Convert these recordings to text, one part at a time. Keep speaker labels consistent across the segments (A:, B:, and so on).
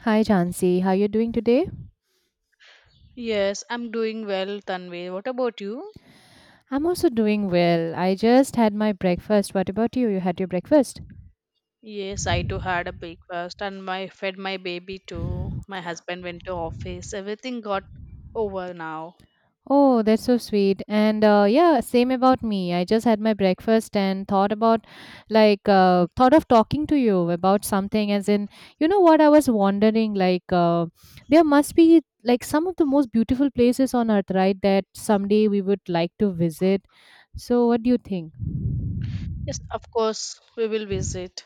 A: Hi Jansi, how are you doing today?
B: Yes, I'm doing well, Tanvi. What about you?
A: I'm also doing well. I just had my breakfast. What about you? You had your breakfast?
B: Yes, I too had a breakfast and my fed my baby too. My husband went to office. Everything got over now.
A: Oh, that's so sweet. And yeah, same about me. I just had my breakfast and thought about, thought of talking to you about something. As in, you know what? I was wondering, there must be like some of the most beautiful places on earth, right? That someday we would like to visit. So, what do you think?
B: Yes, of course we will visit.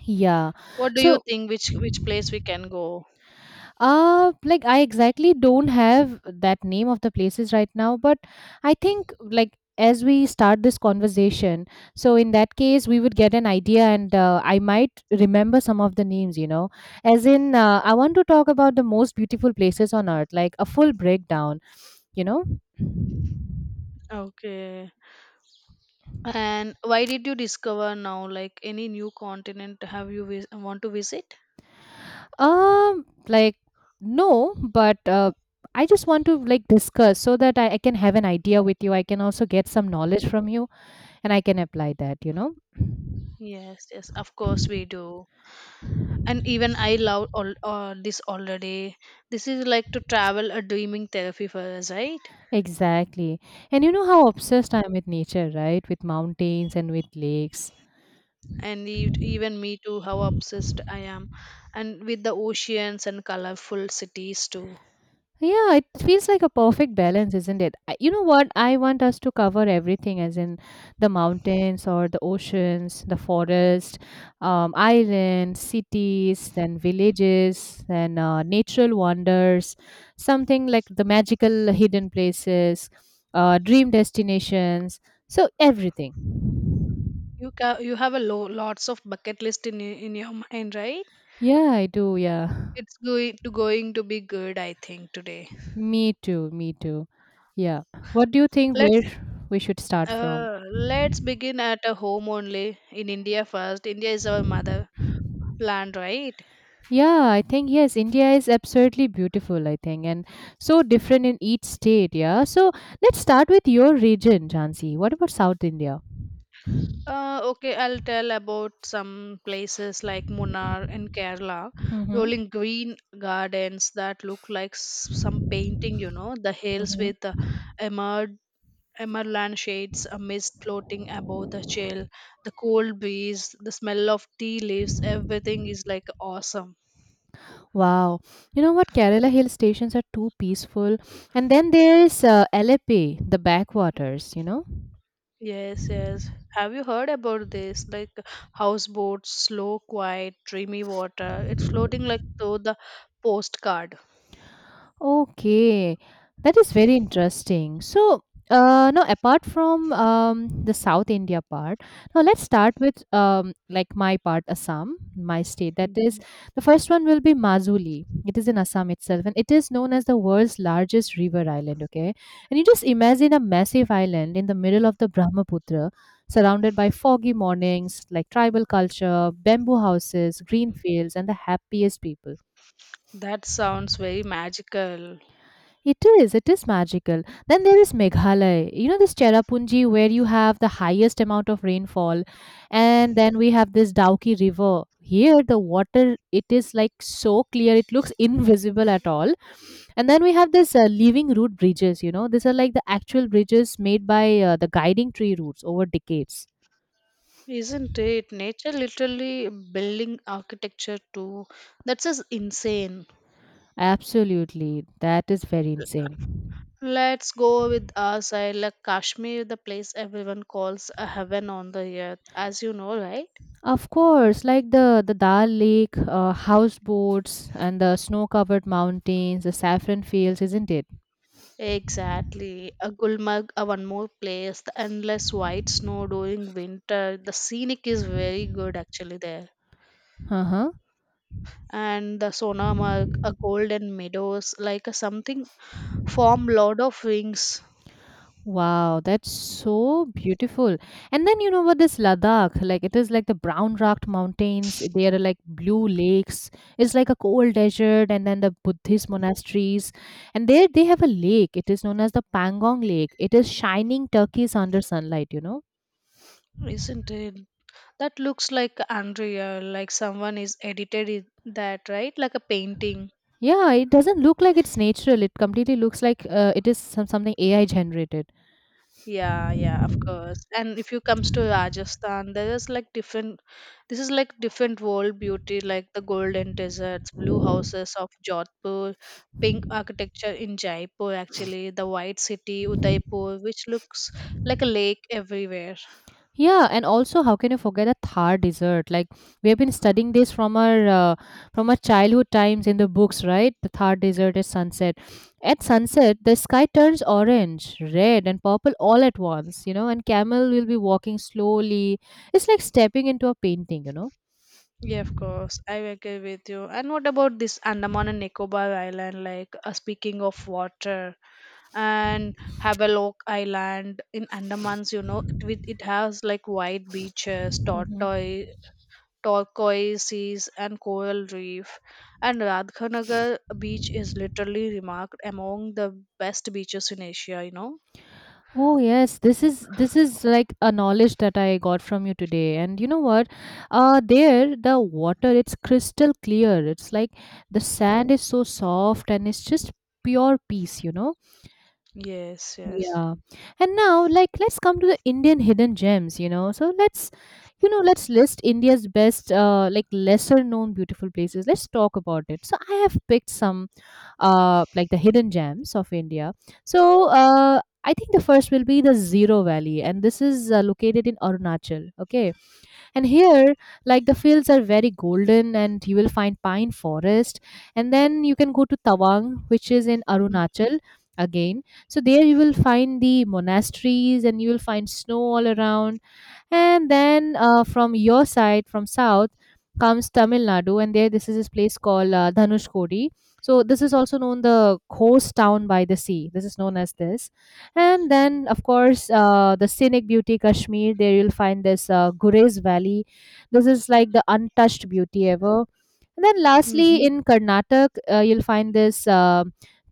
A: Yeah.
B: What do you
A: So,
B: think which place we can go?
A: like I exactly don't have that name of the places right now, but I think like as we start this conversation, so in that case we would get an idea, and I might remember some of the names. You know, as in I want to talk about the most beautiful places on earth, like a full breakdown. You know,
B: Okay. And why did you discover now like any new continent have you want to visit?
A: um, like no, but I just want to like discuss so that I can have an idea with you. I can also get some knowledge from you and I can apply that, you know.
B: Yes, yes, of course we do. And even I love all this already. This is like to travel a dreaming therapy for us, right?
A: Exactly. And you know how obsessed I am with nature, right? With mountains and with lakes.
B: And even me too, how obsessed I am, and with the oceans and colorful cities too.
A: Yeah, it feels like a perfect balance, isn't it? You know what? I want us to cover everything, as in the mountains or the oceans, the forest, islands, cities, then villages, then natural wonders, something like the magical hidden places, dream destinations. So, everything.
B: You have a lots of bucket list in in your mind, right?
A: Yeah, I do. Yeah.
B: It's going to be good, I think, today.
A: Me too. Me too. Yeah. What do you think where
B: Let's
A: we should start from?
B: uh let's begin at a home only. In India first. India is our mother land right?
A: Yeah, I think yes, India is absolutely beautiful, I think, and so different in each state. Yeah, so let's start with your region, Jansi. What about South India?
B: Okay, I'll tell about some places like Munnar in Kerala,
A: Mm-hmm.
B: rolling green gardens that look like some painting, you know, the hills
A: Mm-hmm.
B: with emerald, shades, a mist floating above the chill, the cold breeze, the smell of tea leaves, everything is like awesome.
A: Wow, you know what? Kerala hill stations are too peaceful, and then there's Alappuzha, the backwaters, you know.
B: Yes, yes. Have you heard about this? Like houseboats, slow, quiet, dreamy water. It's floating like through the postcard.
A: Okay, that is very interesting. So, now apart from the South India part, now let's start with like my part, Assam, my state. That is
B: Mhm.
A: the first one will be Mazuli. It is in Assam itself, and it is known as the world's largest river island. Okay, and you just imagine a massive island in the middle of the Brahmaputra, surrounded by foggy mornings, like tribal culture, bamboo houses, green fields, and the happiest people.
B: That sounds very magical,
A: It is magical. Then there is Meghalaya, you know, this Cherrapunji where you have the highest amount of rainfall. And then we have this Dauki River. Here, the water, it is like so clear, it looks invisible at all. And then we have this living root bridges, you know, these are like the actual bridges made by the guiding tree roots over decades.
B: isn't it? Nature literally building architecture too. That's just insane.
A: Absolutely. That is very insane.
B: Let's go with our side, like Kashmir, the place everyone calls a heaven on the earth, as you know, right?
A: Of course, like the Dal Lake, houseboats, and the snow-covered mountains, the saffron fields, isn't it?
B: Exactly. A Gulmarg, a one more place, the endless white snow during winter. The scenic is very good actually there.
A: Uh huh.
B: And the Sonamarg, a golden meadows, like a something form Lord of Rings,
A: Wow, that's so beautiful. And then you know what this Ladakh, like it is like the brown rocked mountains. There are like blue lakes. It's like a cold desert, and then the Buddhist monasteries. And there they have a lake. It is known as the Pangong Lake. It is shining turquoise under sunlight, you know.
B: isn't it? That looks like unreal, like someone is edited in that, right? Like a painting.
A: Yeah, it doesn't look like it's natural. It completely looks like it is some, something AI generated.
B: Yeah, yeah, of course. And if you comes to Rajasthan, there is like different, this is like different world beauty, like the golden deserts, blue houses of Jodhpur, pink architecture in Jaipur actually, the white city, Udaipur, which looks like a lake everywhere.
A: Yeah, and also how can you forget a Thar dessert? Like we have been studying this from our childhood times in the books, right? The Thar dessert is sunset. At sunset, the sky turns orange, red, and purple all at once. You know, and camel will be walking slowly. It's like stepping into a painting, you
B: Yeah, of course. I agree with you. And what about this Andaman and Nicobar Island? Like, speaking of water, and Havelock Island in Andamans, you know, it with it has like white beaches,
A: know.
B: tortoise, turquoise seas, and coral reef. And Radhanagar beach is literally remarked among the best beaches in Asia, you know.
A: Oh yes, this is like a knowledge that I got from you today. And you know what? There the water it's crystal clear. It's like the sand is so soft and it's just pure peace, you know?
B: Yes. Yes.
A: Yeah. And now like let's come to the Indian hidden gems, you know. Let's list India's best like lesser known beautiful places. Let's talk about it. So I have picked some like the hidden gems of India. So I think the first will be the Zero Valley, and this is located in Arunachal. Okay, and here like the fields are very golden, and you will find pine forest, and then you can go to Tawang, which is in Arunachal again. So there you will find the monasteries, and you will find snow all around and then from your side, from south, comes Tamil Nadu, and there this is this place called Dhanushkodi. So this is also known the coast town by the sea. This is known as this. And then of course the scenic beauty Kashmir. There you'll find this Gurez Valley. This is like the untouched beauty ever. And then lastly
B: Mm-hmm.
A: in Karnataka, you'll find this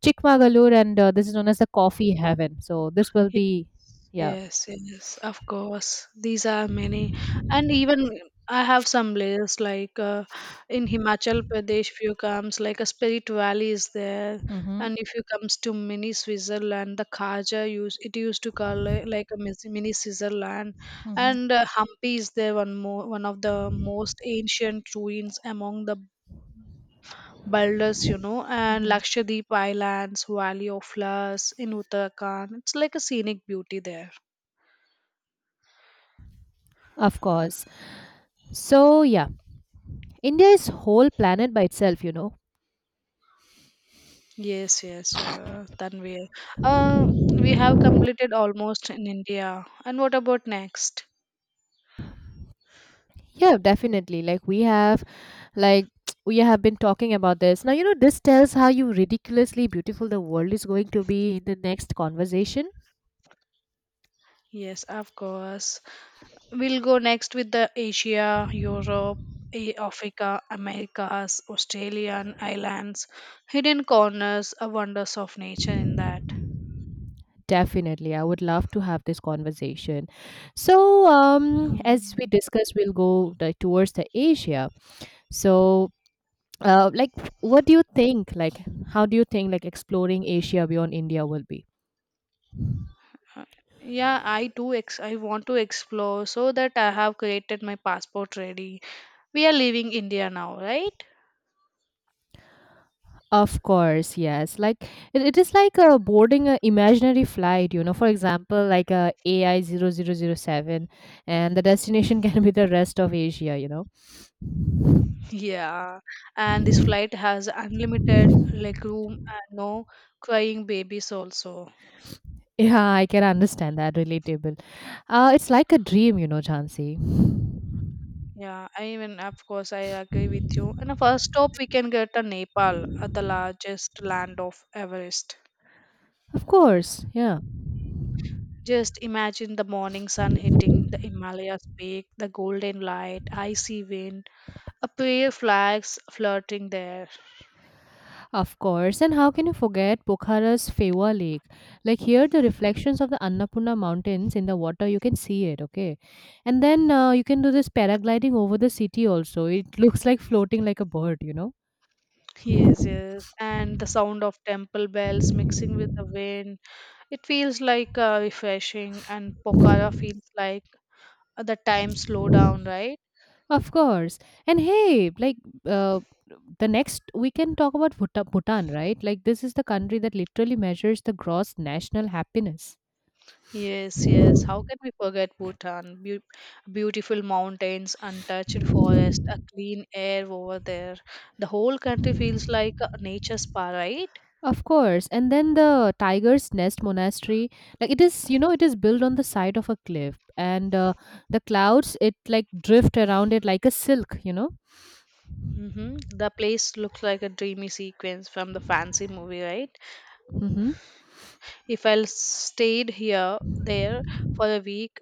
A: Chikmagalur, and this is known as the coffee heaven. So this will be yeah.
B: Yes, yes, of course. These are many, and even I have some layers like in Himachal Pradesh. If you comes like a Spirit Valley is there,
A: Mm-hmm.
B: and if you comes to mini Switzerland, the Khaja use it used to call it like a mini Switzerland,
A: Mm-hmm.
B: and Hampi is there, one more one of the most ancient ruins among the boulders, you know, and
A: Mm-hmm.
B: Lakshadweep Islands, Valley of Flowers in Uttarakhand. It's like a scenic beauty there.
A: Of course. So, yeah, India is whole planet by itself, you know.
B: Yes, yes, Tanvir. Uh, we have completed almost in India. And what about next?
A: Yeah, definitely. Like we have like we have been talking about this. Now, you know, this tells how you ridiculously beautiful the world is going to be in the next conversation.
B: Yes, of course. We'll go next with the Asia, Europe, Africa, Americas, Australian islands, hidden corners, wonders of nature in that.
A: Definitely. I would love to have this conversation. So, as we
B: Um,
A: discussed, we'll go towards the Asia. So, uh, like what do you think like how do you think like exploring Asia beyond India will be?
B: uh, yeah, I do. I want to explore so that I have created my passport ready. We are leaving India now, right?
A: Of course, yes. Like it is like boarding an imaginary flight, you know. For example, like a AI 0007 and the destination can be the rest of Asia, you know.
B: Yeah, and this flight has unlimited legroom, and no crying babies also.
A: Yeah, I can understand that relatable. It's like a dream, you know, Chansey.
B: Yeah, I even of course I agree with you. And the first stop we can get to Nepal, the largest land of Everest.
A: Of course. Yeah.
B: Just imagine the morning sun hitting the Himalayas peak, the golden light, icy wind, a prayer flags flirting there.
A: Of course, and how can you forget Pokhara's Fewa Lake? Like here, the reflections of the Annapurna Mountains in the water, you can see it, okay? And then you can do this paragliding over the city also. It looks like floating like a bird, you know?
B: Yes, yes. And the sound of temple bells mixing with the wind. It feels like refreshing, and Pokhara feels like the time slow down, right?
A: Of course. And hey, uh, the next, we can talk about Bhutan, right? Like this is the country that literally measures the gross national happiness.
B: Yes, yes. How can we forget Bhutan? Beautiful mountains, untouched forest, a clean air over there. The whole country feels like a nature spa, right?
A: Of course. And then the Tiger's Nest Monastery, like it is, you know, it is built on the side of a cliff, and the clouds it like drift around it like a silk, you know.
B: Mm-hmm. The place looks like a dreamy sequence from the fancy movie, right?
A: Mm-hmm.
B: If I stayed here, there, for a week,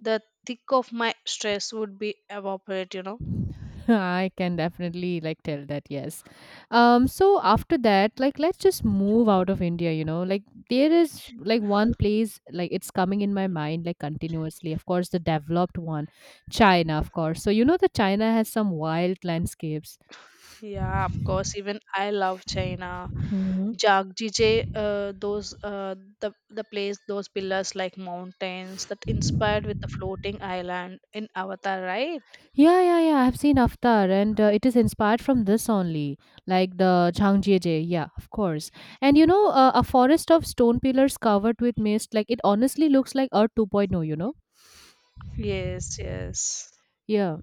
B: the thick of my stress would be evaporate, you know.
A: I can definitely like tell that, yes. So after that, like let's just move out of India, you know. Like there is like one place, like it's coming in my mind like continuously. Of course, the developed one, China, of course. So you know that China has some wild landscapes.
B: Yeah, of course, even I love China. Jagdije, those the the place, those pillars like mountains that inspired with the floating island in Avatar, right?
A: Yeah, yeah, yeah. I've seen Avatar, and it is inspired from this only, like the Changjieje. Yeah, of course. And you know, a forest of stone pillars covered with mist, like it honestly looks like Earth 2.0, you know?
B: Yes, yes.
A: Yeah,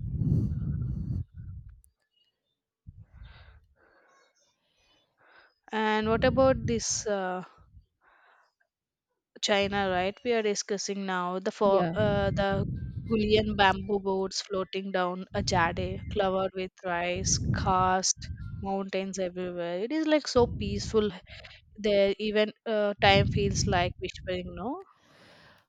B: And what about this uh, China, right? We are discussing now the for
A: yeah.
B: the Gulian bamboo boats floating down a jade, covered with rice, karst, mountains everywhere. It is like so peaceful there. Even time feels like whispering, no?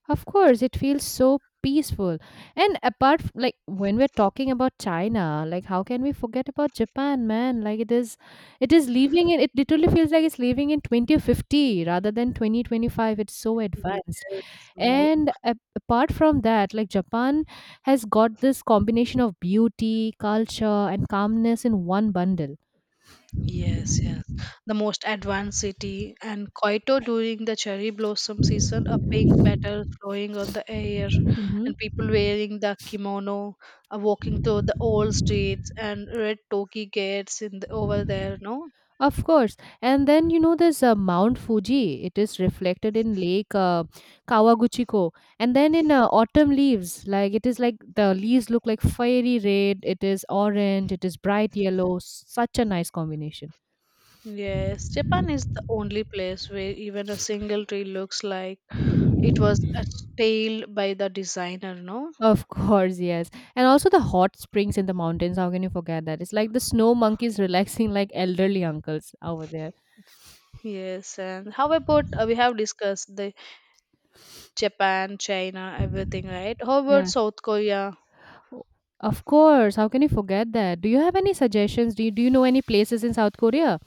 A: Of course, it feels so peaceful. And apart, like when we're talking about China, like how can we forget about Japan, man? Like it is, it literally feels like it's living in 2050 rather than 2025. It's so advanced.
B: Yes, more.
A: And apart from that like Japan has got this combination of beauty, culture and calmness in one bundle.
B: Yes, yes. The most advanced city and Kyoto during the cherry blossom season, a pink petal flowing on the air,
A: Hmm.
B: and people wearing the kimono, walking through the old streets and red toki gates in the, over there. No,
A: Of course, and then you know there's Mount Fuji. It is reflected in lake Kawaguchiko, and then in autumn leaves, like it is like the leaves look like fiery red, it is orange, it is bright yellow, such a nice combination.
B: yes, Japan is the only place where even a single tree looks like it was a tale by the designer. No,
A: Of course, yes. And also the hot springs in the mountains, how can you forget that? It's like the snow monkeys relaxing like elderly uncles over there.
B: yes, and how about we have discussed the Japan, China, everything, right? How about
A: Yeah.
B: South Korea?
A: O- Of course, how can you forget that? Do you have any suggestions? Do you know any places in South Korea?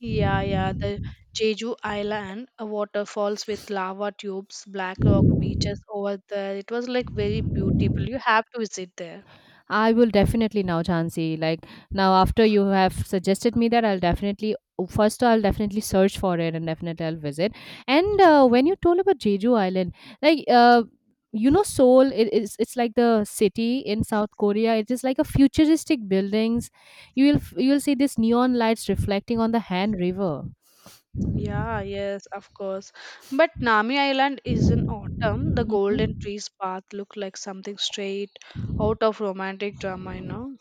B: Yeah, yeah. The Jeju Island waterfalls with lava tubes, black rock beaches over there. It was like very beautiful. You have to visit there.
A: I will definitely now, Jhansi. Like now, after you have suggested me that, I'll definitely search for it and definitely I'll visit. And when you told about Jeju Island, like uh, you know, Seoul, it's like the city in South Korea. It is like a futuristic buildings. You will you will see these neon lights reflecting on the Han River.
B: Yeah, yes, of course. But Nami Island is in autumn. The golden
A: Hmm.
B: trees path look like something straight out of romantic drama, you know,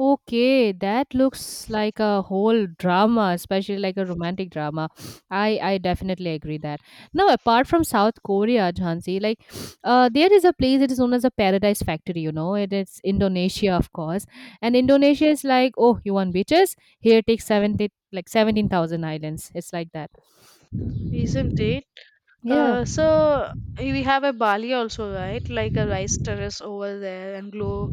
A: Okay, that looks like a whole drama, especially like a romantic drama. I definitely agree that. Now, apart from South Korea, Jhansi, there is a place that is known as a paradise factory. You know, it is Indonesia, of course, and Indonesia is like, oh, you want beaches? Here, take 70 like 17,000 islands. It's like that.
B: isn't it?
A: Yeah,
B: So we have a Bali also, right? Like a rice terrace over there and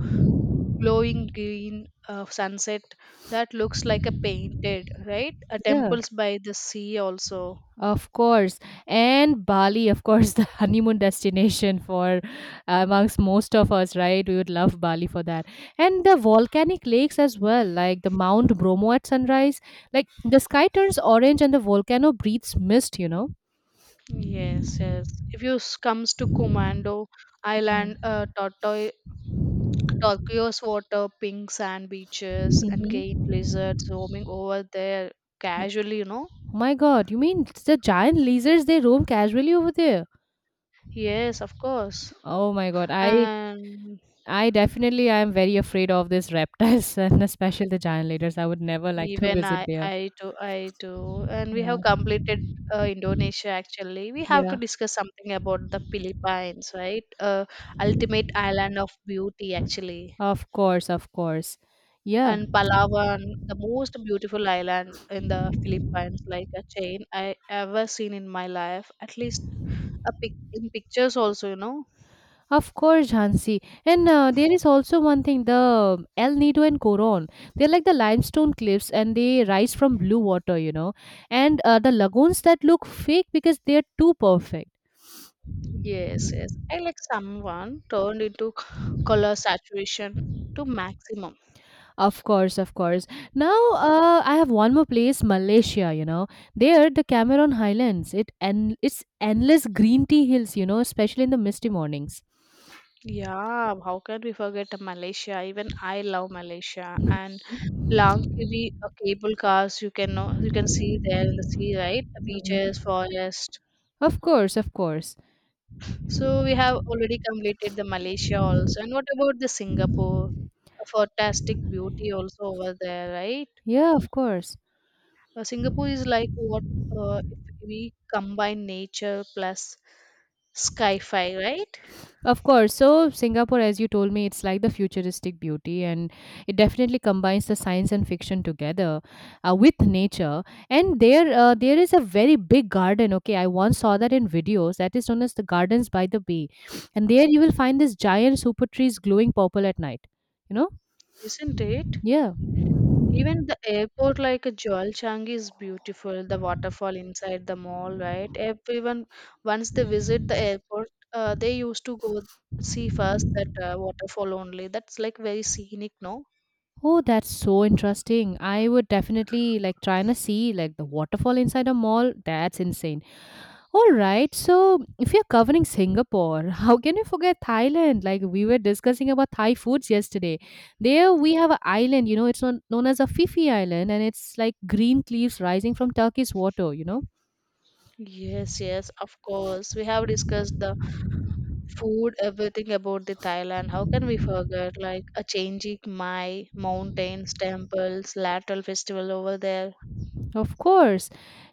B: glowing green sunset, that looks like a painted right, a
A: yeah.
B: temples by the sea also.
A: Of course. And Bali, of course, the honeymoon destination for amongst most of us, right? We would love Bali for that. And the volcanic lakes as well, like the Mount Bromo at sunrise. Like the sky turns orange and the volcano breathes mist, you know?
B: Yes, yes. If you comes to commando island, tortoise turquoise water, pink sand beaches, and giant
A: Mm-hmm.
B: lizards roaming over there casually, you know.
A: Oh my God, you mean it's the giant lizards they roam casually over there?
B: Yes, of course.
A: Oh my God, I
B: And
A: I definitely am very afraid of these reptiles and especially the giant lizards. I would never like to
B: even
A: visit
B: I,
A: there.
B: I too, and we have
A: Yeah.
B: completed Indonesia. Actually, we have to
A: Yeah.
B: discuss something about the Philippines, right? Ultimate island of beauty, actually,
A: Of course, of course. Yeah,
B: and Palawan, the most beautiful island in the Philippines, like a chain I ever seen in my life. At least a pictures, also, you know.
A: of course, Hansi. And there is also one thing, the El Nido and Coron. They're like the limestone cliffs and they rise from blue water, you know. And the lagoons that look fake because they're too perfect.
B: Yes, yes. I like someone turned into color saturation to maximum.
A: Of course, of course. Now, I have one more place, Malaysia, you know. There, the Cameron Highlands. It's endless green tea hills, you know, especially in the misty mornings.
B: Yeah, how can we forget Malaysia? Even I love Malaysia and Langkawi, cable cars you can know, you can see there in the sea, right? Beaches, forest.
A: Of course, of course.
B: So we have already completed the Malaysia also. And what about the Singapore? A fantastic beauty also over there, right?
A: Yeah, of course.
B: Singapore is like what if we combine nature plus sky-fi, right?
A: Of course. So, Singapore, as you told me, it's like the futuristic beauty, and it definitely combines the science and fiction together with nature. And there, there is a very big garden. Okay, I once saw that in videos. That is known as the Gardens by the Bay, and there you will find this giant super trees glowing purple at night. You know?
B: Isn't it?
A: Yeah.
B: Even the airport, like Jolchang, is beautiful. The waterfall inside the mall, right? Everyone, once they visit the airport, they used to go see first that waterfall only. That's like very scenic, no?
A: Oh, that's so interesting. I would definitely like trying to see like the waterfall inside a mall. That's insane. All right. So, if you're covering Singapore, how can you forget Thailand? Like we were discussing about Thai foods yesterday. There we have an island, you know, it's known as a Phi Island, and it's like green cliffs rising from Turkey's water, you know.
B: Yes, yes, of course. We have discussed the food, everything about the Thailand. How can we forget? Like a changing Mai, mountains, temples, lateral festival over there.
A: Of course.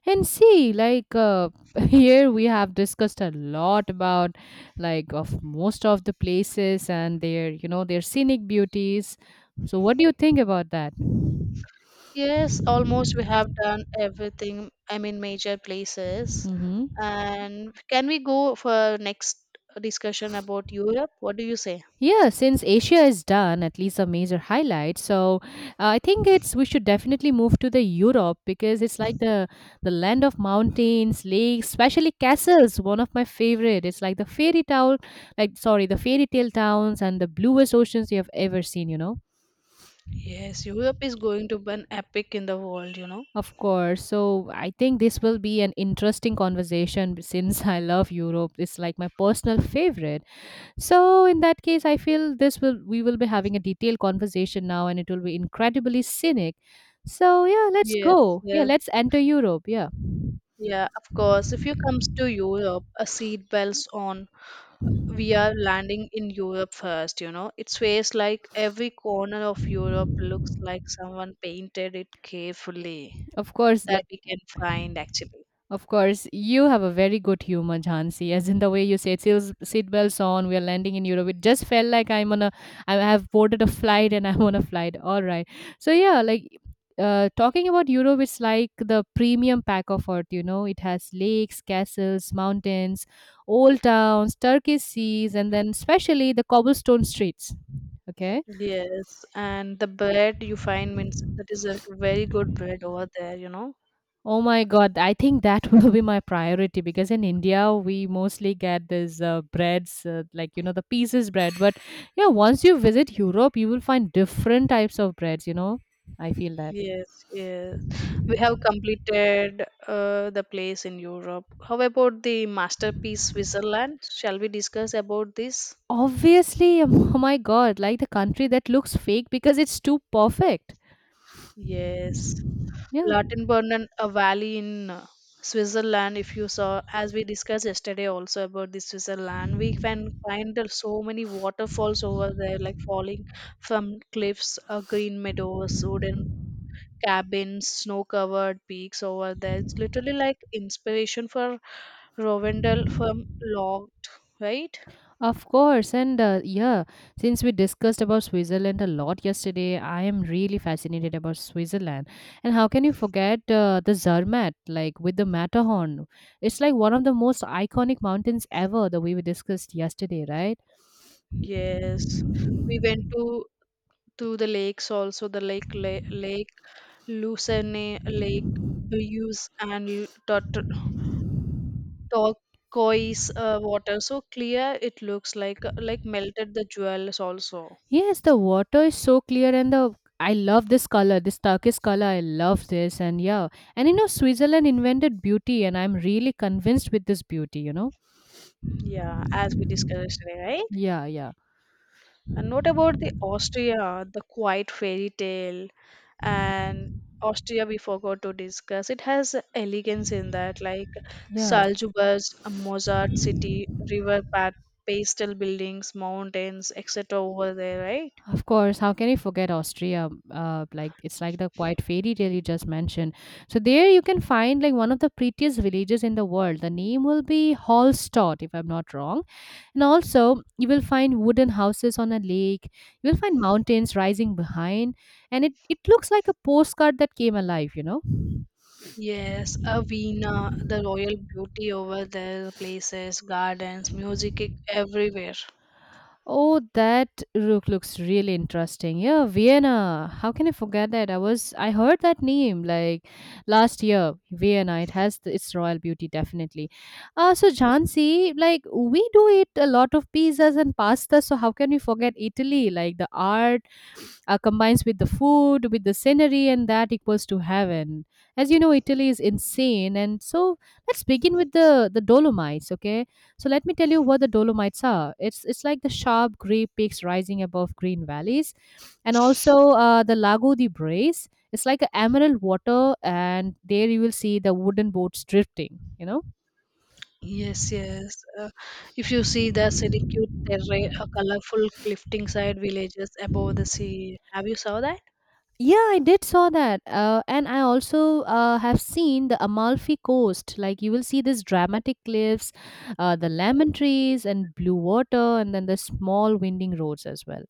A: And see, like here we have discussed a lot about like of most of the places and their, you know, their scenic beauties. So, what do you think about that?
B: Yes, almost we have done everything. I mean, major places.
A: Mm-hmm.
B: And can we go for next discussion about Europe? What do you say?
A: Yeah, since Asia is done, at least a major highlight. So I think it's we should definitely move to the Europe, because it's like the land of mountains, lakes, especially castles. One of my favorite. It's like the fairy tale, like sorry, the fairy tale towns and the bluest oceans you have ever seen. You know,
B: Yes, Europe is going to be an epic in the world, you know.
A: of course. So I think this will be an interesting conversation since I love Europe. It's like my personal favorite. So in that case, I feel this will we will be having a detailed conversation now, and it will be incredibly scenic. So yeah, let's
B: Yes,
A: go. Yeah,
B: yes,
A: let's enter Europe. Yeah,
B: yeah, of course. If you comes to Europe, a seat belts on. We are landing in Europe first, you know. It feels like every corner of Europe looks like someone painted it carefully,
A: of course.
B: that
A: Like
B: we can find actually.
A: of course, you have a very good humor, Jhansi. As in the way you said, seatbelts on, we're landing in Europe. It just felt like I'm on a, I have boarded a flight and I'm on a flight. All right. So yeah, like talking about Europe, it's like the premium pack of earth. You know, it has lakes, castles, mountains, old towns, Turkish seas, and then especially the cobblestone streets. Okay.
B: Yes, and the bread you find means that is like a very good bread over there, you know.
A: Oh my God, I think that will be my priority, because in India we mostly get these breads, like you know, the pieces bread. But yeah, once you visit Europe, you will find different types of breads, you know. I feel that.
B: Yes, yes. We have completed the place in Europe. How about the masterpiece Switzerland? Shall we discuss about this?
A: Obviously, oh my God, like the country that looks fake because it's too perfect.
B: Yes.
A: Yeah.
B: Lautenburnen, a valley in Switzerland. If you saw, as we discussed yesterday, also about the Switzerland, we can find so many waterfalls over there, like falling from cliffs, green meadows, wooden cabins, snow covered peaks over there. It's literally like inspiration for Rovendell from Locked, right?
A: Of course, and yeah, since we discussed about Switzerland a lot yesterday, I am really fascinated about Switzerland. And how can you forget the Zermatt, like with the Matterhorn? It's like one of the most iconic mountains ever, the way we discussed yesterday, right?
B: Yes. We went to the lakes also, the Lake Lucerne, Lake Buse, and turquoise water. So clear it looks like melted the jewels also.
A: Yes, the water is so clear, and the I love this color, this turquoise color. I love this, and yeah, and you know, Switzerland invented beauty, and I'm really convinced with this beauty, you know?
B: Yeah, as we discussed today, right?
A: Yeah, yeah,
B: And what about the Austria, the quiet fairy tale? And Austria we forgot to discuss. It has elegance in that, like
A: yeah.
B: Salzburg's Mozart city, river path, pastel buildings, mountains, etc. over there, right?
A: Of course, how can you forget Austria? Like it's like the quiet fairy tale you just mentioned. So there you can find like one of the prettiest villages in the world. The name will be Hallstatt, if I'm not wrong. And also you will find wooden houses on a lake. You will find mountains rising behind, and it looks like a postcard that came alive. You know.
B: Yes, a Vienna, the royal beauty over there, places, gardens, music everywhere.
A: Oh, that rook looks really interesting. Yeah, Vienna. How can I forget that? I heard that name like last year. Vienna. It has the, its royal beauty definitely. So Jhansi, like we do eat a lot of pizzas and pasta. So how can we forget Italy? Like the art combines with the food, with the scenery, and that equals to heaven. As you know, Italy is insane, and so let's begin with the Dolomites. Okay, so let me tell you what the Dolomites are. It's like the sharp gray peaks rising above green valleys, and also the Lago di Brace. It's like a emerald water, and there you will see the wooden boats drifting. You know.
B: Yes, yes. If you see the Syracuse terrain, a colorful cliffing side villages above the sea. Have you saw that?
A: Yeah, I did saw that. And I also have seen the Amalfi Coast. Like you will see these dramatic cliffs, the lemon trees and blue water, and then the small winding roads as well.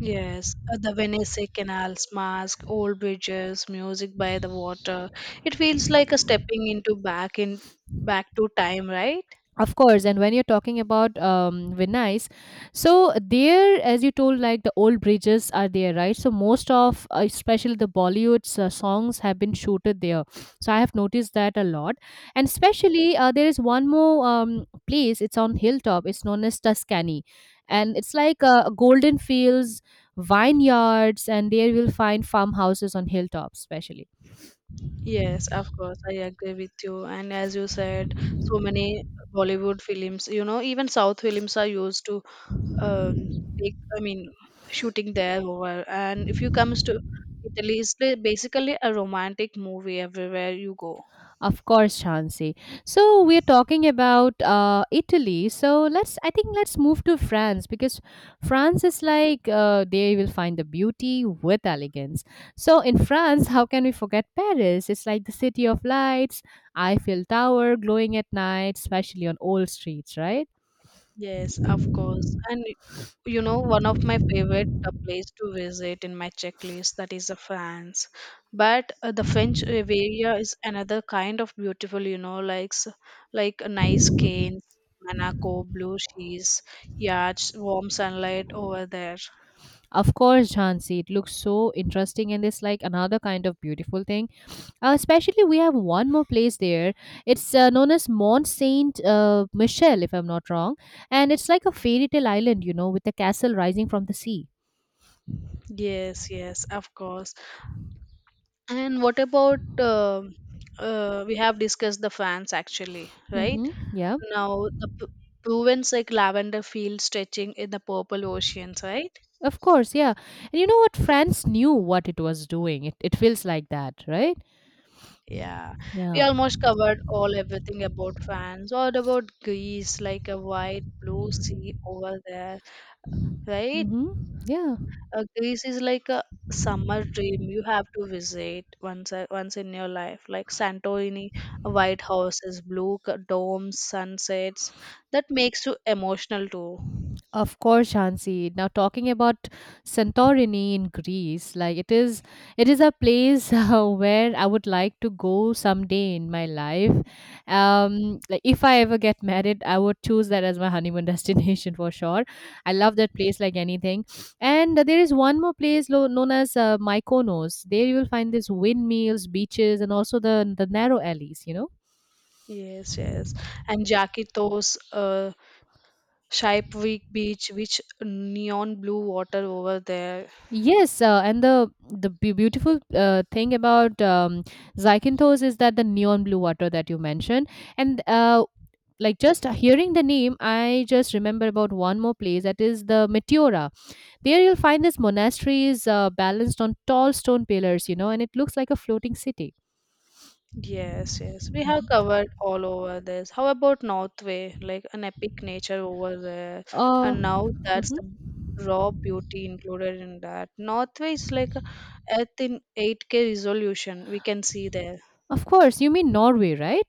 B: Yes, the Venice canals, mask, old bridges, music by the water. It feels like a stepping into back to time, right?
A: Of course, and when you're talking about Venice, so there, as you told, like the old bridges are there, right? So most of, especially the Bollywood's songs have been shooted there. So I have noticed that a lot, and especially there is one more place. It's on hilltop. It's known as Tuscany, and it's like golden fields, vineyards, and there you'll find farmhouses on hilltop, especially.
B: Yes, of course, I agree with you. And as you said, so many Bollywood films, you know, even South films are used to um, take, I mean, shooting there over. And if you comes to Italy, it's basically a romantic movie everywhere you go.
A: Of course, Shansi. So we're talking about Italy. So let's, I think, let's move to France, because France is like they will find the beauty with elegance. So in France, how can we forget Paris? It's like the city of lights, Eiffel Tower glowing at night, especially on old streets, right?
B: Yes, of course. And you know, one of my favorite place to visit in my checklist that is the France. But the French Riviera is another kind of beautiful, you know, like a nice canes, Monaco, blue seas, yachts, warm sunlight over there.
A: Of course, Jhansi, it looks so interesting and it's like another kind of beautiful thing. Especially, we have one more place there. It's known as Mont Saint Michel, if I'm not wrong, and it's like a fairy tale island, you know, with a castle rising from the sea.
B: Yes, yes, of course. And what about we have discussed the France actually, right?
A: Hmm. Yeah,
B: Now proven's like lavender field stretching in the purple oceans, right?
A: of course, yeah. And you know what? France knew what it was doing. It feels like that, right?
B: Yeah, we
A: Yeah.
B: almost covered all everything about fans. What about Greece? Like a wide blue sea over there, right?
A: Hmm. Yeah.
B: Greece is like a summer dream you have to visit once in your life. Like Santorini, white houses, domes, sunsets. That makes you emotional too.
A: Of course, Shansi. Now talking about Santorini in Greece, like it is a place where I would like to go someday in my life. Like if I ever get married, I would choose that as my honeymoon destination for sure. I love that place like anything. And there is one more place known as Mykonos. There you will find these windmills, beaches, and also the narrow alleys. You know.
B: Yes, yes. And Jakitos, Shaipvik Beach, which neon blue water over there.
A: Yes, and the beautiful thing about Zycanthos is that the neon blue water that you mentioned, and like just hearing the name, I just remember about one more place, that is the Meteora. There you'll find this monastery is balanced on tall stone pillars, you know, and it looks like a floating city.
B: Yes, yes. We have covered all over this. How about Northway? Like an epic nature over there.
A: Uh,
B: And now that's
A: mhm.
B: the raw beauty included in that. Northway is like a Earth in 8K resolution. We can see there.
A: Of course, you mean Norway, right?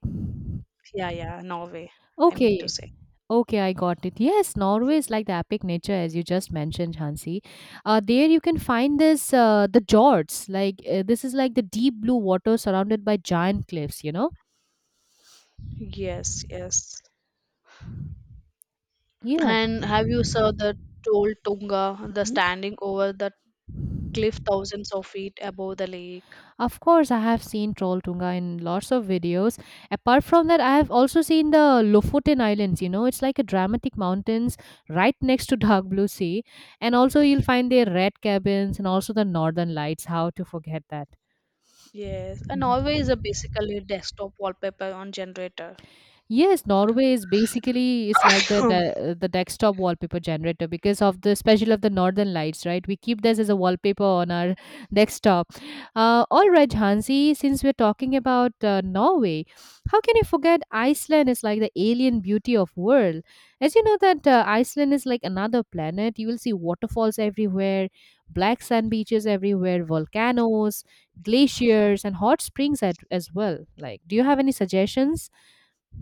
B: Yeah, yeah, Norway. I mean to
A: Okay,
B: say.
A: okay, I got it. Yes, Norway is like the epic nature, as you just mentioned, Hansi. There you can find this the Jords. Like this is like the deep blue water surrounded by giant cliffs. You know.
B: Yes, yes.
A: Yeah.
B: And have you saw the Tall Tunga, the
A: Mhm.
B: standing over the cliff thousands of feet above the lake?
A: Of course, I have seen Trolltunga in lots of videos. Apart from that, I have also seen the Lofoten Islands. You know, it's like a dramatic mountains right next to Dark Blue Sea, and also you'll find their red cabins and also the Northern Lights. How to forget that?
B: Yes, and always a
A: Mhm.
B: basically desktop wallpaper on generator.
A: Yes, Norway is basically it's like the de- the desktop wallpaper generator because of the special of the northern lights, right? We keep this as a wallpaper on our desktop. All right, Hansi, since we're talking about Norway, how can you forget Iceland is like the alien beauty of world? As you know that Iceland is like another planet. You will see waterfalls everywhere, black sand beaches everywhere, volcanoes, glaciers, and hot springs at, as well. Like, do you have any suggestions?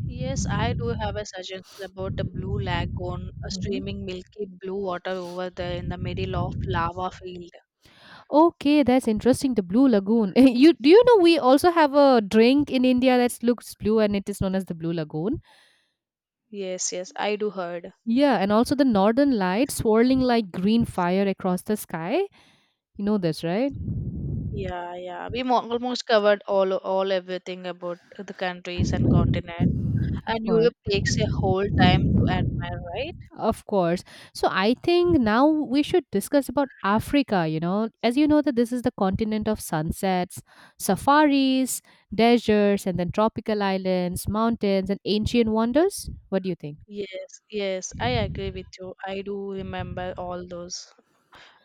B: Yes, I do have a suggestion about a blue lagoon, a
A: Mhm.
B: streaming milky blue water over there in the middle of lava field.
A: Okay, that's interesting. The Blue Lagoon. You do you know we also have a drink in India that looks blue and it is known as the Blue Lagoon.
B: Yes, yes, I do heard.
A: Yeah, and also the Northern Lights swirling like green fire across the sky. You know this, right?
B: Yeah, yeah, almost covered all everything about the countries and continents.
A: Of
B: And
A: course.
B: Europe takes a whole time to admire, right?
A: Of course. So I think now we should discuss about Africa, you know. As you know that this is the continent of sunsets, safaris, deserts, and then tropical islands, mountains, and ancient wonders. What do you think?
B: Yes, yes, I agree with you. I do remember all those.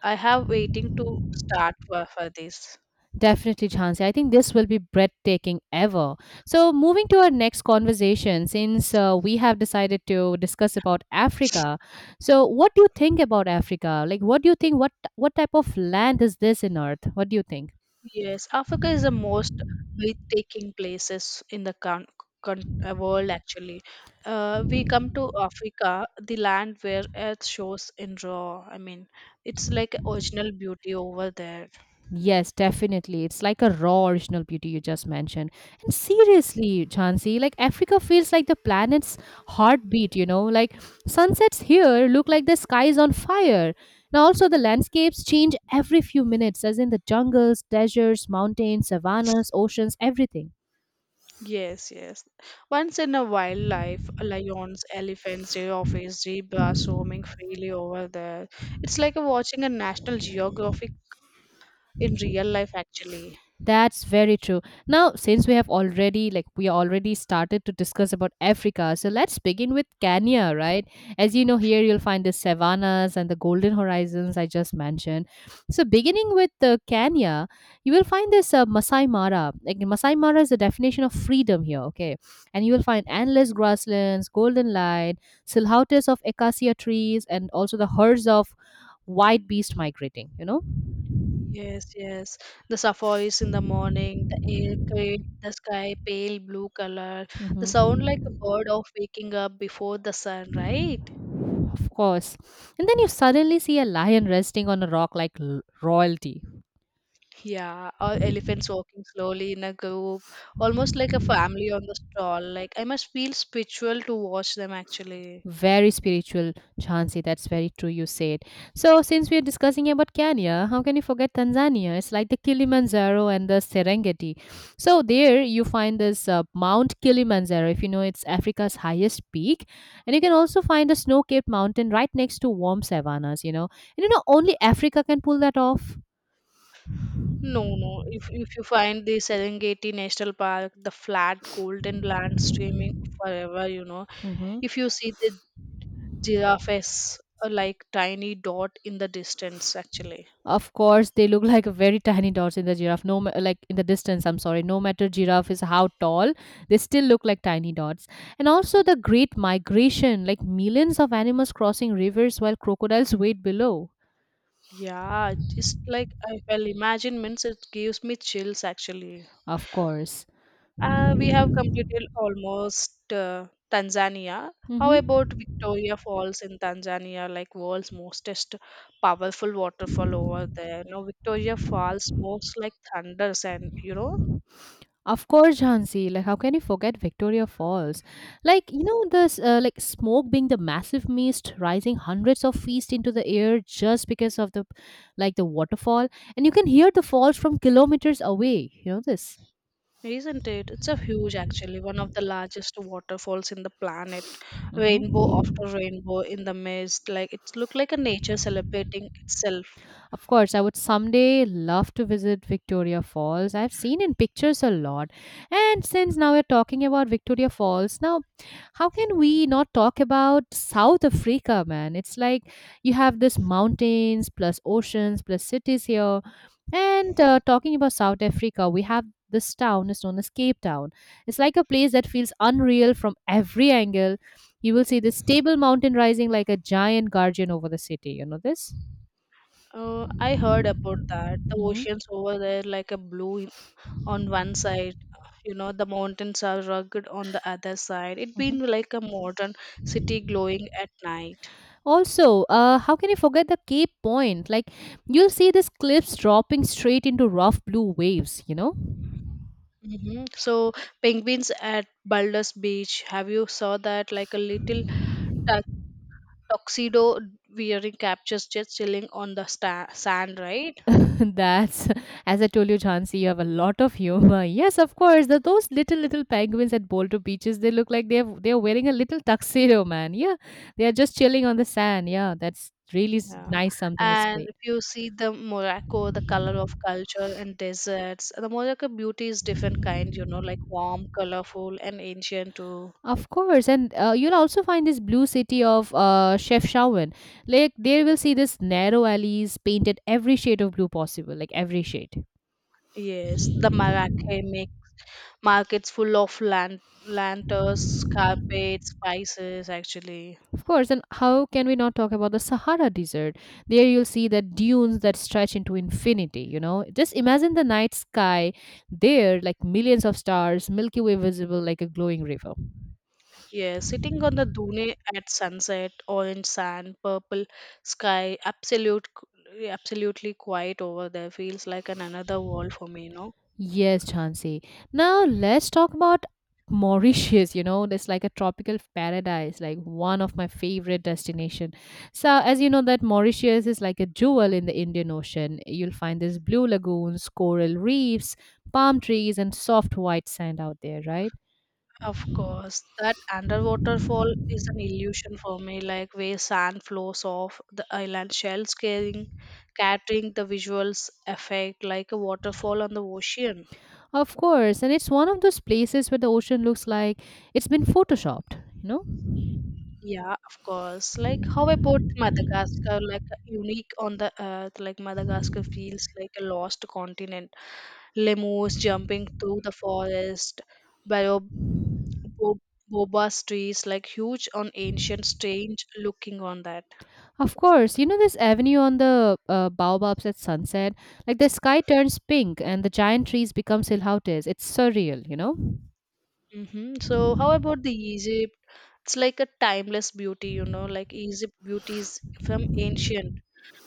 B: I have waiting to start for this.
A: Definitely, Jhansi. I think this will be breathtaking ever. So, moving to our next conversation, since we have decided to discuss about Africa, so what do you think about Africa? Like, what do you think? What type of land is this in Earth? What do you think?
B: Yes, Africa is the most breathtaking places in the world actually. We come to Africa, the land where earth shows in raw. I mean, it's like original beauty over there.
A: Yes, definitely. It's like a raw original beauty you just mentioned. And seriously, Chansey, like Africa feels like the planet's heartbeat, Like sunsets here look like the sky is on fire. Now, also, the landscapes change every few minutes, as in the jungles, deserts, mountains, savannas, oceans, everything.
B: Yes, yes. Once in a wildlife, lions, elephants, giraffes, zebras roaming freely over there. It's like watching a National Geographic in real life actually.
A: That's very true. Now, since we already started to discuss about Africa, so let's begin with Kenya, right? As you know, here you'll find the savannas and the golden horizons I just mentioned. So, beginning with Kenya, you will find this Masai Mara. Like Masai Mara is the definition of freedom here, okay? And you will find endless grasslands, golden light, silhouettes of acacia trees, and also the herds of white beast migrating.
B: Yes, yes. The sapphires in the morning, the air create the sky pale blue color. The
A: Mhm.
B: sound like a bird of waking up before the sun, right?
A: Of course. And then you suddenly see a lion resting on a rock like royalty.
B: Yeah, or elephants walking slowly in a group, almost like a family on the stroll. Like I must feel spiritual to watch them actually.
A: Very spiritual, Chansi. That's very true, you said. So, since we're discussing about Kenya, how can you forget Tanzania? It's like the Kilimanjaro and the Serengeti. So, there you find this Mount Kilimanjaro, if you know it's Africa's highest peak. And you can also find a snow capped mountain right next to warm savannas, you know. And you know, only Africa can pull that off.
B: No, no. If you find the Serengeti National Park, the flat golden land streaming forever, you know.
A: Mhm.
B: If you see the giraffes are like tiny dot in the distance actually.
A: Of course, they look like a very tiny dots in the giraffe. No, like in the distance. I'm sorry. No matter giraffe is how tall, they still look like tiny dots. And also the great migration, like millions of animals crossing rivers while crocodiles wait below.
B: Yeah, just like I well imagine means it gives me chills actually.
A: Of course.
B: We have completed almost Tanzania. How
A: Mm-hmm.
B: about Victoria Falls in Tanzania, like world's mostest powerful waterfall over there? You know, Victoria Falls moves like thunders, and you know.
A: Of course, Jhansi. Like, how can you forget Victoria Falls? Like, you know, this like smoke being the massive mist rising hundreds of feet into the air just because of the like the waterfall, and you can hear the falls from kilometers away. You know this.
B: Isn't it? It's a huge, actually, one of the largest waterfalls in the planet. Rainbow
A: Mhm.
B: after rainbow in the mist, like it's looked like a nature celebrating itself.
A: Of course, I would someday love to visit Victoria Falls. I've seen in pictures a lot. And since now we're talking about Victoria Falls, now how can we not talk about South Africa, man? It's like you have this mountains plus oceans plus cities here. And talking about South Africa, we have this town is known as Cape Town. It's like a place that feels unreal from every angle. You will see this stable mountain rising like a giant guardian over the city. You know this?
B: I heard about that. The
A: Mhm,
B: oceans over there, like on one side, you know, the mountains are rugged on the other side. It been
A: mhm.
B: like a modern city glowing at night.
A: Also, how can you forget the Cape Point? Like, you'll see these cliffs dropping straight into rough blue waves, you know?
B: Hmm. So penguins at Baldur's Beach. Have you saw that? Like a little tuxedo wearing captures just chilling on sand, right?
A: That's, as I told you, Chansi, you have a lot of humor. Yes, of course. Those little penguins at Boulder Beaches, they look like they're wearing a little tuxedo, man. Yeah, they're just chilling on the sand. Yeah, that's really
B: Yeah.
A: nice. Something is
B: And if you see the Morocco, the color of culture and deserts, the Morocco beauty is different kind, you know, like warm, colorful, and ancient too.
A: of course, and you'll also find this blue city of Chef Shawan. Like there will see this narrow alleys painted every shade of blue possible, like every shade.
B: Yes, the Marrakech make markets full of lanterns, carpets, spices, actually.
A: Of course, and how can we not talk about the Sahara Desert? There you'll see the dunes that stretch into infinity. You know, just imagine the night sky there, like millions of stars, Milky Way visible like a glowing river.
B: Yeah, sitting on the dune at sunset, orange sand, purple sky, absolutely quiet over there feels like an another world for me, you know.
A: Yes, Chansey. Now let's talk about Mauritius. You know, it's like a tropical paradise, like one of my favorite destination. So, as you know, that Mauritius is like a jewel in the Indian Ocean. You'll find these blue lagoons, coral reefs, palm trees, and soft white sand out there, right?
B: Of course, that underwater fall is an illusion for me, like where sand flows off the island shells carrying, catering the visuals effect like a waterfall on the ocean.
A: Of course, and it's one of those places where the ocean looks like it's been photoshopped. You know.
B: Yeah, of course. Like, how about Madagascar? Like, unique on the earth, like Madagascar feels like a lost continent, lemurs jumping through the forest, bio- bo- boba's trees, like huge on ancient, strange looking on that.
A: Of course, you know this avenue on the baobabs at sunset, like the sky turns pink and the giant trees become silhouettes. It's surreal, you know.
B: Hmm. So, how about the Egypt? It's like a timeless beauty, you know, like Egypt beauty is from ancient.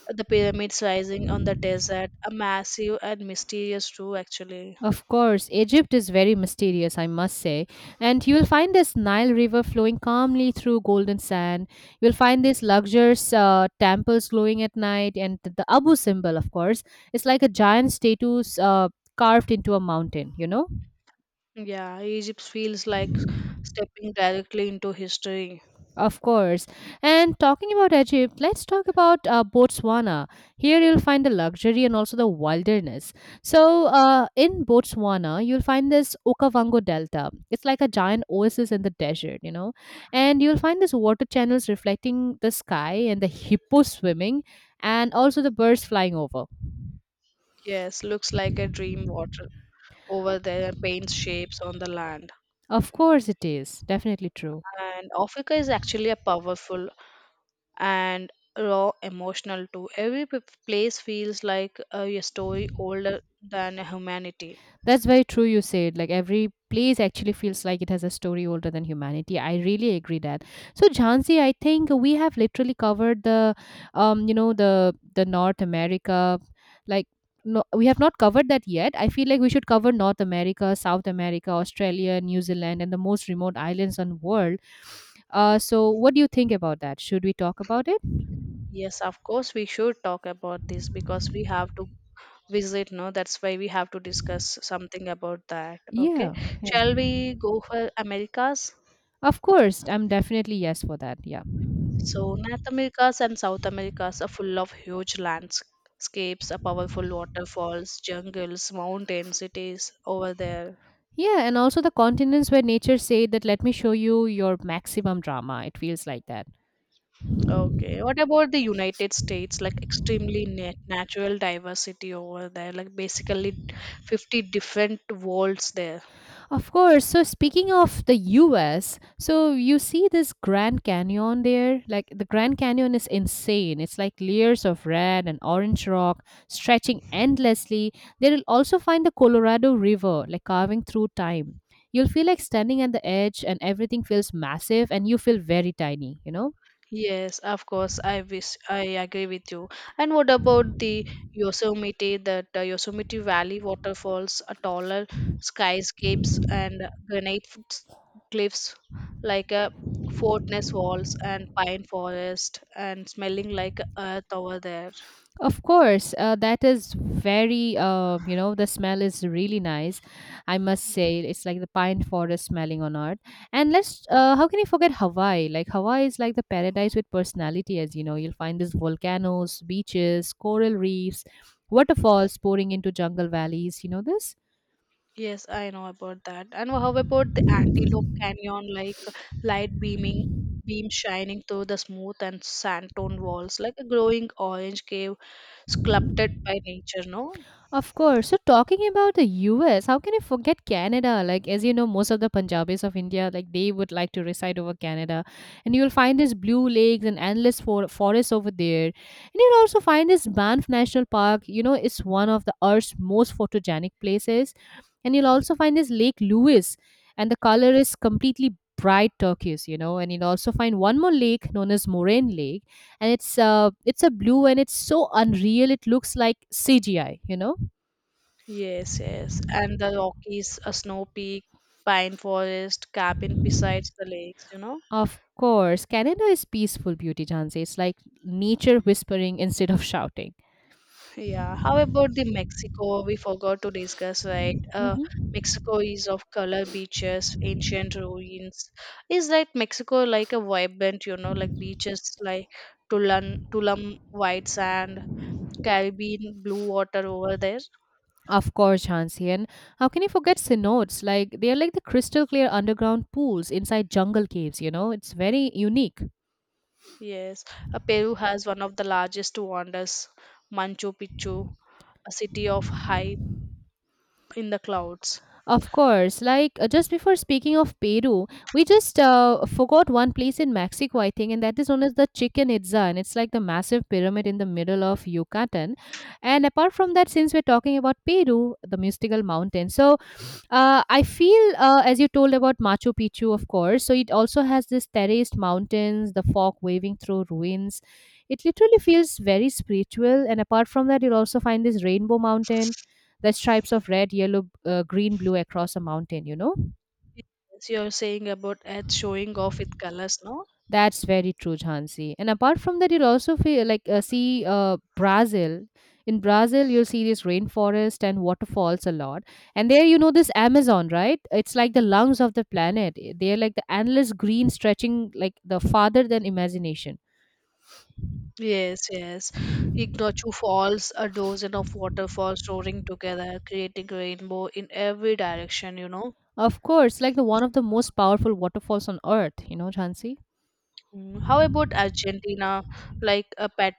B: The pyramids rising on the desert, a massive and mysterious too, actually.
A: Of course, Egypt is very mysterious, I must say. And you will find this Nile River flowing calmly through golden sand. You'll find these luxurious temples glowing at night, and the Abu symbol, of course, it's like a giant statue carved into a mountain, you know.
B: Yeah, Egypt feels like stepping directly into history.
A: Of course. And talking about Egypt, let's talk about Botswana. Here you'll find the luxury and also the wilderness. So, in Botswana, you'll find this Okavango Delta. It's like a giant oasis in the desert, you know. And you'll find these water channels reflecting the sky and the hippo swimming and also the birds flying over.
B: Yes, looks like a dream water over there and paints shapes on the land.
A: Of course, it is. Definitely true.
B: And Africa is actually a powerful and raw emotional too. Place feels like a story older than humanity.
A: That's very true, you said. Like every place actually feels like it has a story older than humanity. I really agree that. So, Jhansi, I think we have literally covered you know, the North America. Like, no, we have not covered that yet. I feel like we should cover North America, South America, Australia, New Zealand, and the most remote islands on world. So what do you think about that? Should we talk about it?
B: Yes, of course, we should talk about this because we have to visit, no? That's why we have to discuss something about that. Okay.
A: Yeah, yeah.
B: Shall we go for Americas?
A: Of course, I'm definitely yes for that. Yeah.
B: So, North Americas and South Americas are full of huge landscapes, powerful waterfalls, jungles, mountains. It is over there.
A: Yeah, and also the continents where nature said that let me show you your maximum drama. It feels like that.
B: Okay. What about the United States? Like extremely natural diversity over there, like basically 50 different worlds there.
A: Of course. So speaking of the US, so you see this Grand Canyon there? Like the Grand Canyon is insane. It's like layers of red and orange rock stretching endlessly. There you'll also find the Colorado River, like carving through time. You'll feel like standing at the edge and everything feels massive and you feel very tiny, you know?
B: Yes, of course. I wish I agree with you. And what about the Yosemite, that Yosemite Valley waterfalls, a taller skyscapes and cliffs, like a fortress walls and pine forest and smelling like earth over there.
A: Of course, that is very, you know, the smell is really nice. I must say, it's like the pine forest smelling on earth. And let's, how can you forget Hawaii? Like, Hawaii is like the paradise with personality, as you know. You'll find these volcanoes, beaches, coral reefs, waterfalls pouring into jungle valleys. You know this?
B: Yes, I know about that. And how about the Antelope Canyon, like light beaming beam shining through the smooth and sand toned walls, like a glowing orange cave sculpted by nature, no?
A: Of course. So talking about the US, how can you forget Canada? Like as you know, most of the Punjabis of India, like they would like to reside over Canada, and you'll find these blue lakes and endless forests over there, and you'll also find this Banff National Park. You know, it's one of the Earth's most photogenic places, and you'll also find this Lake Louise, and the color is completely bright turquoise, you know, and you'll also find one more lake known as Moraine Lake, and it's a blue and it's so unreal. It looks like CGI, you know.
B: Yes, yes. And the Rockies, a snow peak, pine forest, cabin besides the lakes, you know?
A: Of course, Canada is peaceful beauty, Jhansi. It's like nature whispering instead of shouting.
B: Yeah, how about the Mexico? We forgot to discuss, right?
A: Hmm.
B: Mexico is of color beaches, ancient ruins. Is that Mexico like a vibrant, you know, like beaches like Tulum, Tulum white sand, Caribbean blue water over there?
A: Of course, Jhansi. And how can you forget cenotes? Like they are like the crystal clear underground pools inside jungle caves. You know, it's very unique.
B: Yes, Peru has one of the largest wonders, Machu Picchu, a city of high in the clouds.
A: Of course, like just before speaking of Peru, we just forgot one place in Mexico, I think, and that is known as the Chichen Itza, and it's like the massive pyramid in the middle of Yucatan. And apart from that, since we're talking about Peru, the mystical mountain, so I feel, as you told about Machu Picchu, of course, so it also has this terraced mountains, the fog waving through ruins. It literally feels very spiritual. And apart from that, you'll also find this rainbow mountain, the stripes of red, yellow, green, blue across a mountain, you know?
B: Yes, you're saying about Earth showing off with colors, no?
A: That's very true, Jhansi. And apart from that, you'll also feel like see Brazil. In Brazil, you'll see this rainforest and waterfalls a lot. And there, you know, this Amazon, right? It's like the lungs of the planet. They're like the endless green stretching like the farther than imagination.
B: Yes, yes. Ignachu Falls, a dozen of waterfalls roaring together, creating rainbow in every direction, you know.
A: Of course, like the one of the most powerful waterfalls on earth, you know, Jhansi.
B: Mm. How about Argentina? Like a pet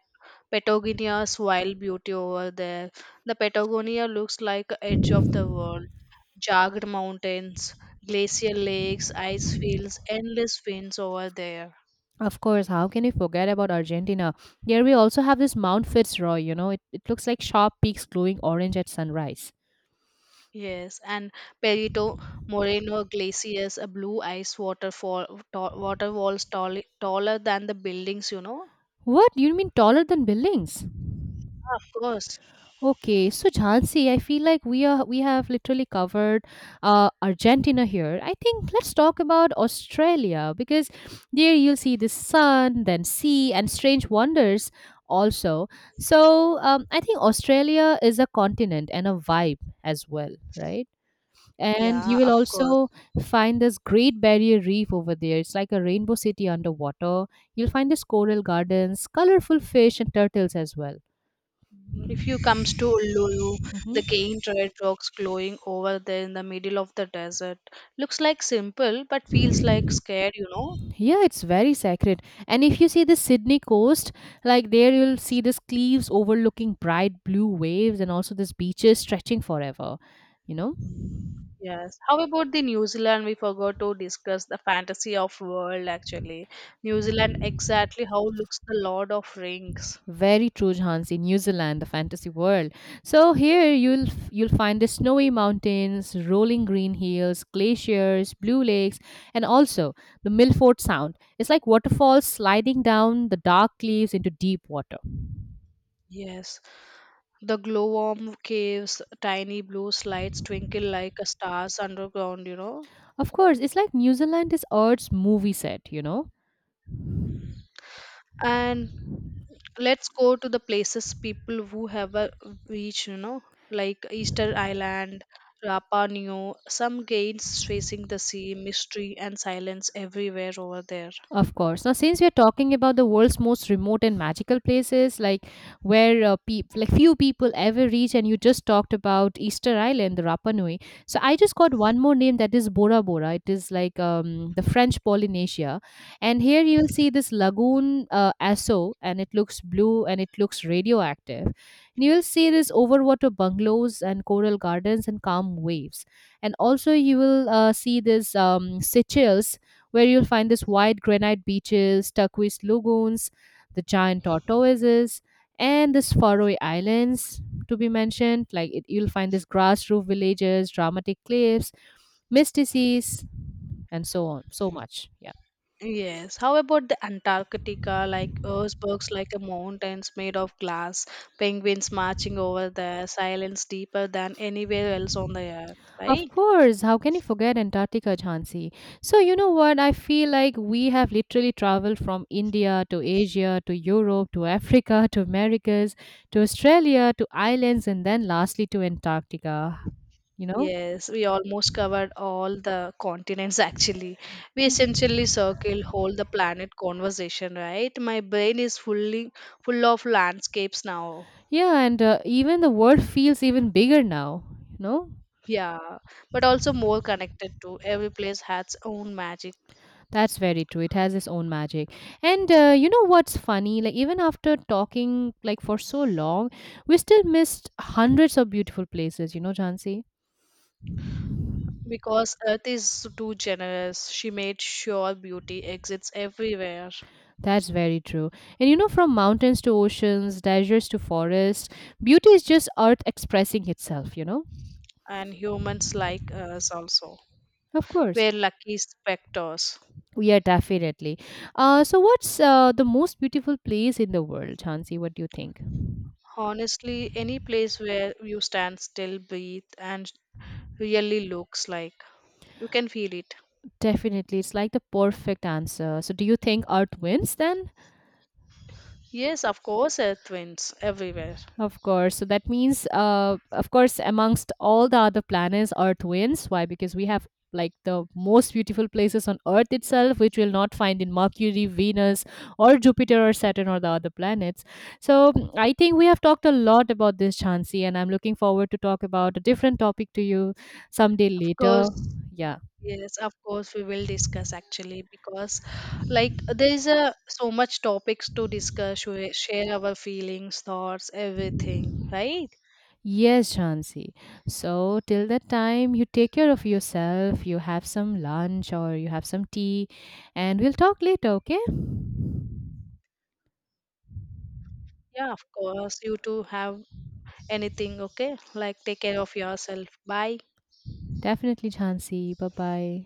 B: Patagonia's wild beauty over there. The Patagonia looks like a edge of the world. Jagged mountains, glacial lakes, ice fields, endless winds over there.
A: Of course, how can you forget about Argentina? Here we also have this Mount Fitzroy, you know, it looks like sharp peaks glowing orange at sunrise.
B: Yes, and Perito Moreno Glaciers, a blue ice waterfall, water walls taller than the buildings, you know.
A: What do you mean taller than buildings?
B: Of course.
A: Okay, so Jhansi, I feel like we have literally covered Argentina here. I think let's talk about Australia because there you'll see the sun, then sea, and strange wonders also. So I think Australia is a continent and a vibe as well, right? And
B: Yeah,
A: you will
B: of course.
A: also find this Great Barrier Reef over there. It's like a rainbow city underwater. You'll find this coral gardens, colorful fish, and turtles as well.
B: If you comes to Uluru, the
A: Hmm.
B: giant red rocks glowing over there in the middle of the desert. Looks like simple, but feels like scared, you know.
A: Yeah, it's very sacred. And if you see the Sydney coast, like there you'll see these cliffs overlooking bright blue waves and also these beaches stretching forever. You know,
B: Mm. Yes. How about the New Zealand? We forgot to discuss the fantasy of world actually. New Zealand exactly how looks the Lord of Rings.
A: very true, Jhansi. New Zealand, the fantasy world. So here you'll find the snowy mountains, rolling green hills, glaciers, blue lakes, and also the Milford Sound. It's like waterfalls sliding down the dark cliffs into deep water.
B: Yes. The glowworm caves, tiny blue slides twinkle like a stars underground, you know.
A: Of course, it's like New Zealand is Earth's movie set, you know.
B: And let's go to the places people who have a reach, you know, like Easter Island, Rapa Nui, some gates facing the sea, mystery and silence everywhere over there.
A: Of course. Now, since we're talking about the world's most remote and magical places, like where peop like few people ever reach, and you just talked about Easter Island, the Rapa Nui. So I just got one more name that is Bora Bora. It is like the French Polynesia, and here you'll see this lagoon Aso, and it looks blue and it looks radioactive. And you'll see this overwater bungalows and coral gardens and calm waves, and also you will see this Seychelles, where you'll find this white granite beaches, turquoise lagoons, the giant tortoises, and this Faroe Islands to be mentioned. Like it, you'll find this grass roof villages, dramatic cliffs, misty seas, and so on. So much. Yeah.
B: Yes. How about the Antarctica? Like icebergs, like a mountains made of glass, penguins marching over there. Silence deeper than anywhere else on the earth,
A: Of
B: right?
A: course. How can you forget Antarctica, Jhansi? So, you know what? I feel like we have literally traveled from India to Asia to Europe to Africa to Americas to Australia to islands and then lastly to Antarctica, you know?
B: Yes, we almost covered all the continents actually. We essentially circle whole the planet conversation, right? My brain is fully full of landscapes now.
A: Yeah, and even the world feels even bigger now. You know,
B: Yeah, but also more connected to every place has own magic.
A: that's very true. It has its own magic. And you know what's funny? Like even after talking like for so long, we still missed hundreds of beautiful places. You know, Jansi.
B: Because Earth is too generous, she made sure beauty exists everywhere,
A: That's very true. And you know, from mountains to oceans, deserts to forests, beauty is just Earth expressing itself. You know,
B: and humans like us also.
A: of course.
B: We're lucky spectators.
A: Yeah, definitely. So, what's the most beautiful place in the world, Chansi? What do you think?
B: Honestly, any place where you stand still, breathe, and really looks like you can feel it.
A: Definitely. It's like the perfect answer. So do you think Earth wins then?
B: Yes, of course, Earth wins everywhere.
A: Of course. So that means of course amongst all the other planets Earth wins. Why? Because we have like the most beautiful places on Earth itself, which we'll not find in Mercury, Venus, or Jupiter, or Saturn, or the other planets. So mm, I think we have talked a lot about this, Chansi, and I'm looking forward to talk about a different topic to you someday
B: Of
A: later.
B: course.
A: Yeah.
B: Yes, of course we will discuss actually because like there is a so much topics to discuss, share our feelings, thoughts, everything, right?
A: Yes, Shansi. So, till that time, you take care of yourself, you have some lunch or you have some tea, and we'll talk later, okay?
B: Yeah, of course. You too have anything, okay? Like take care of yourself. Bye.
A: Definitely, Shansi. Bye bye.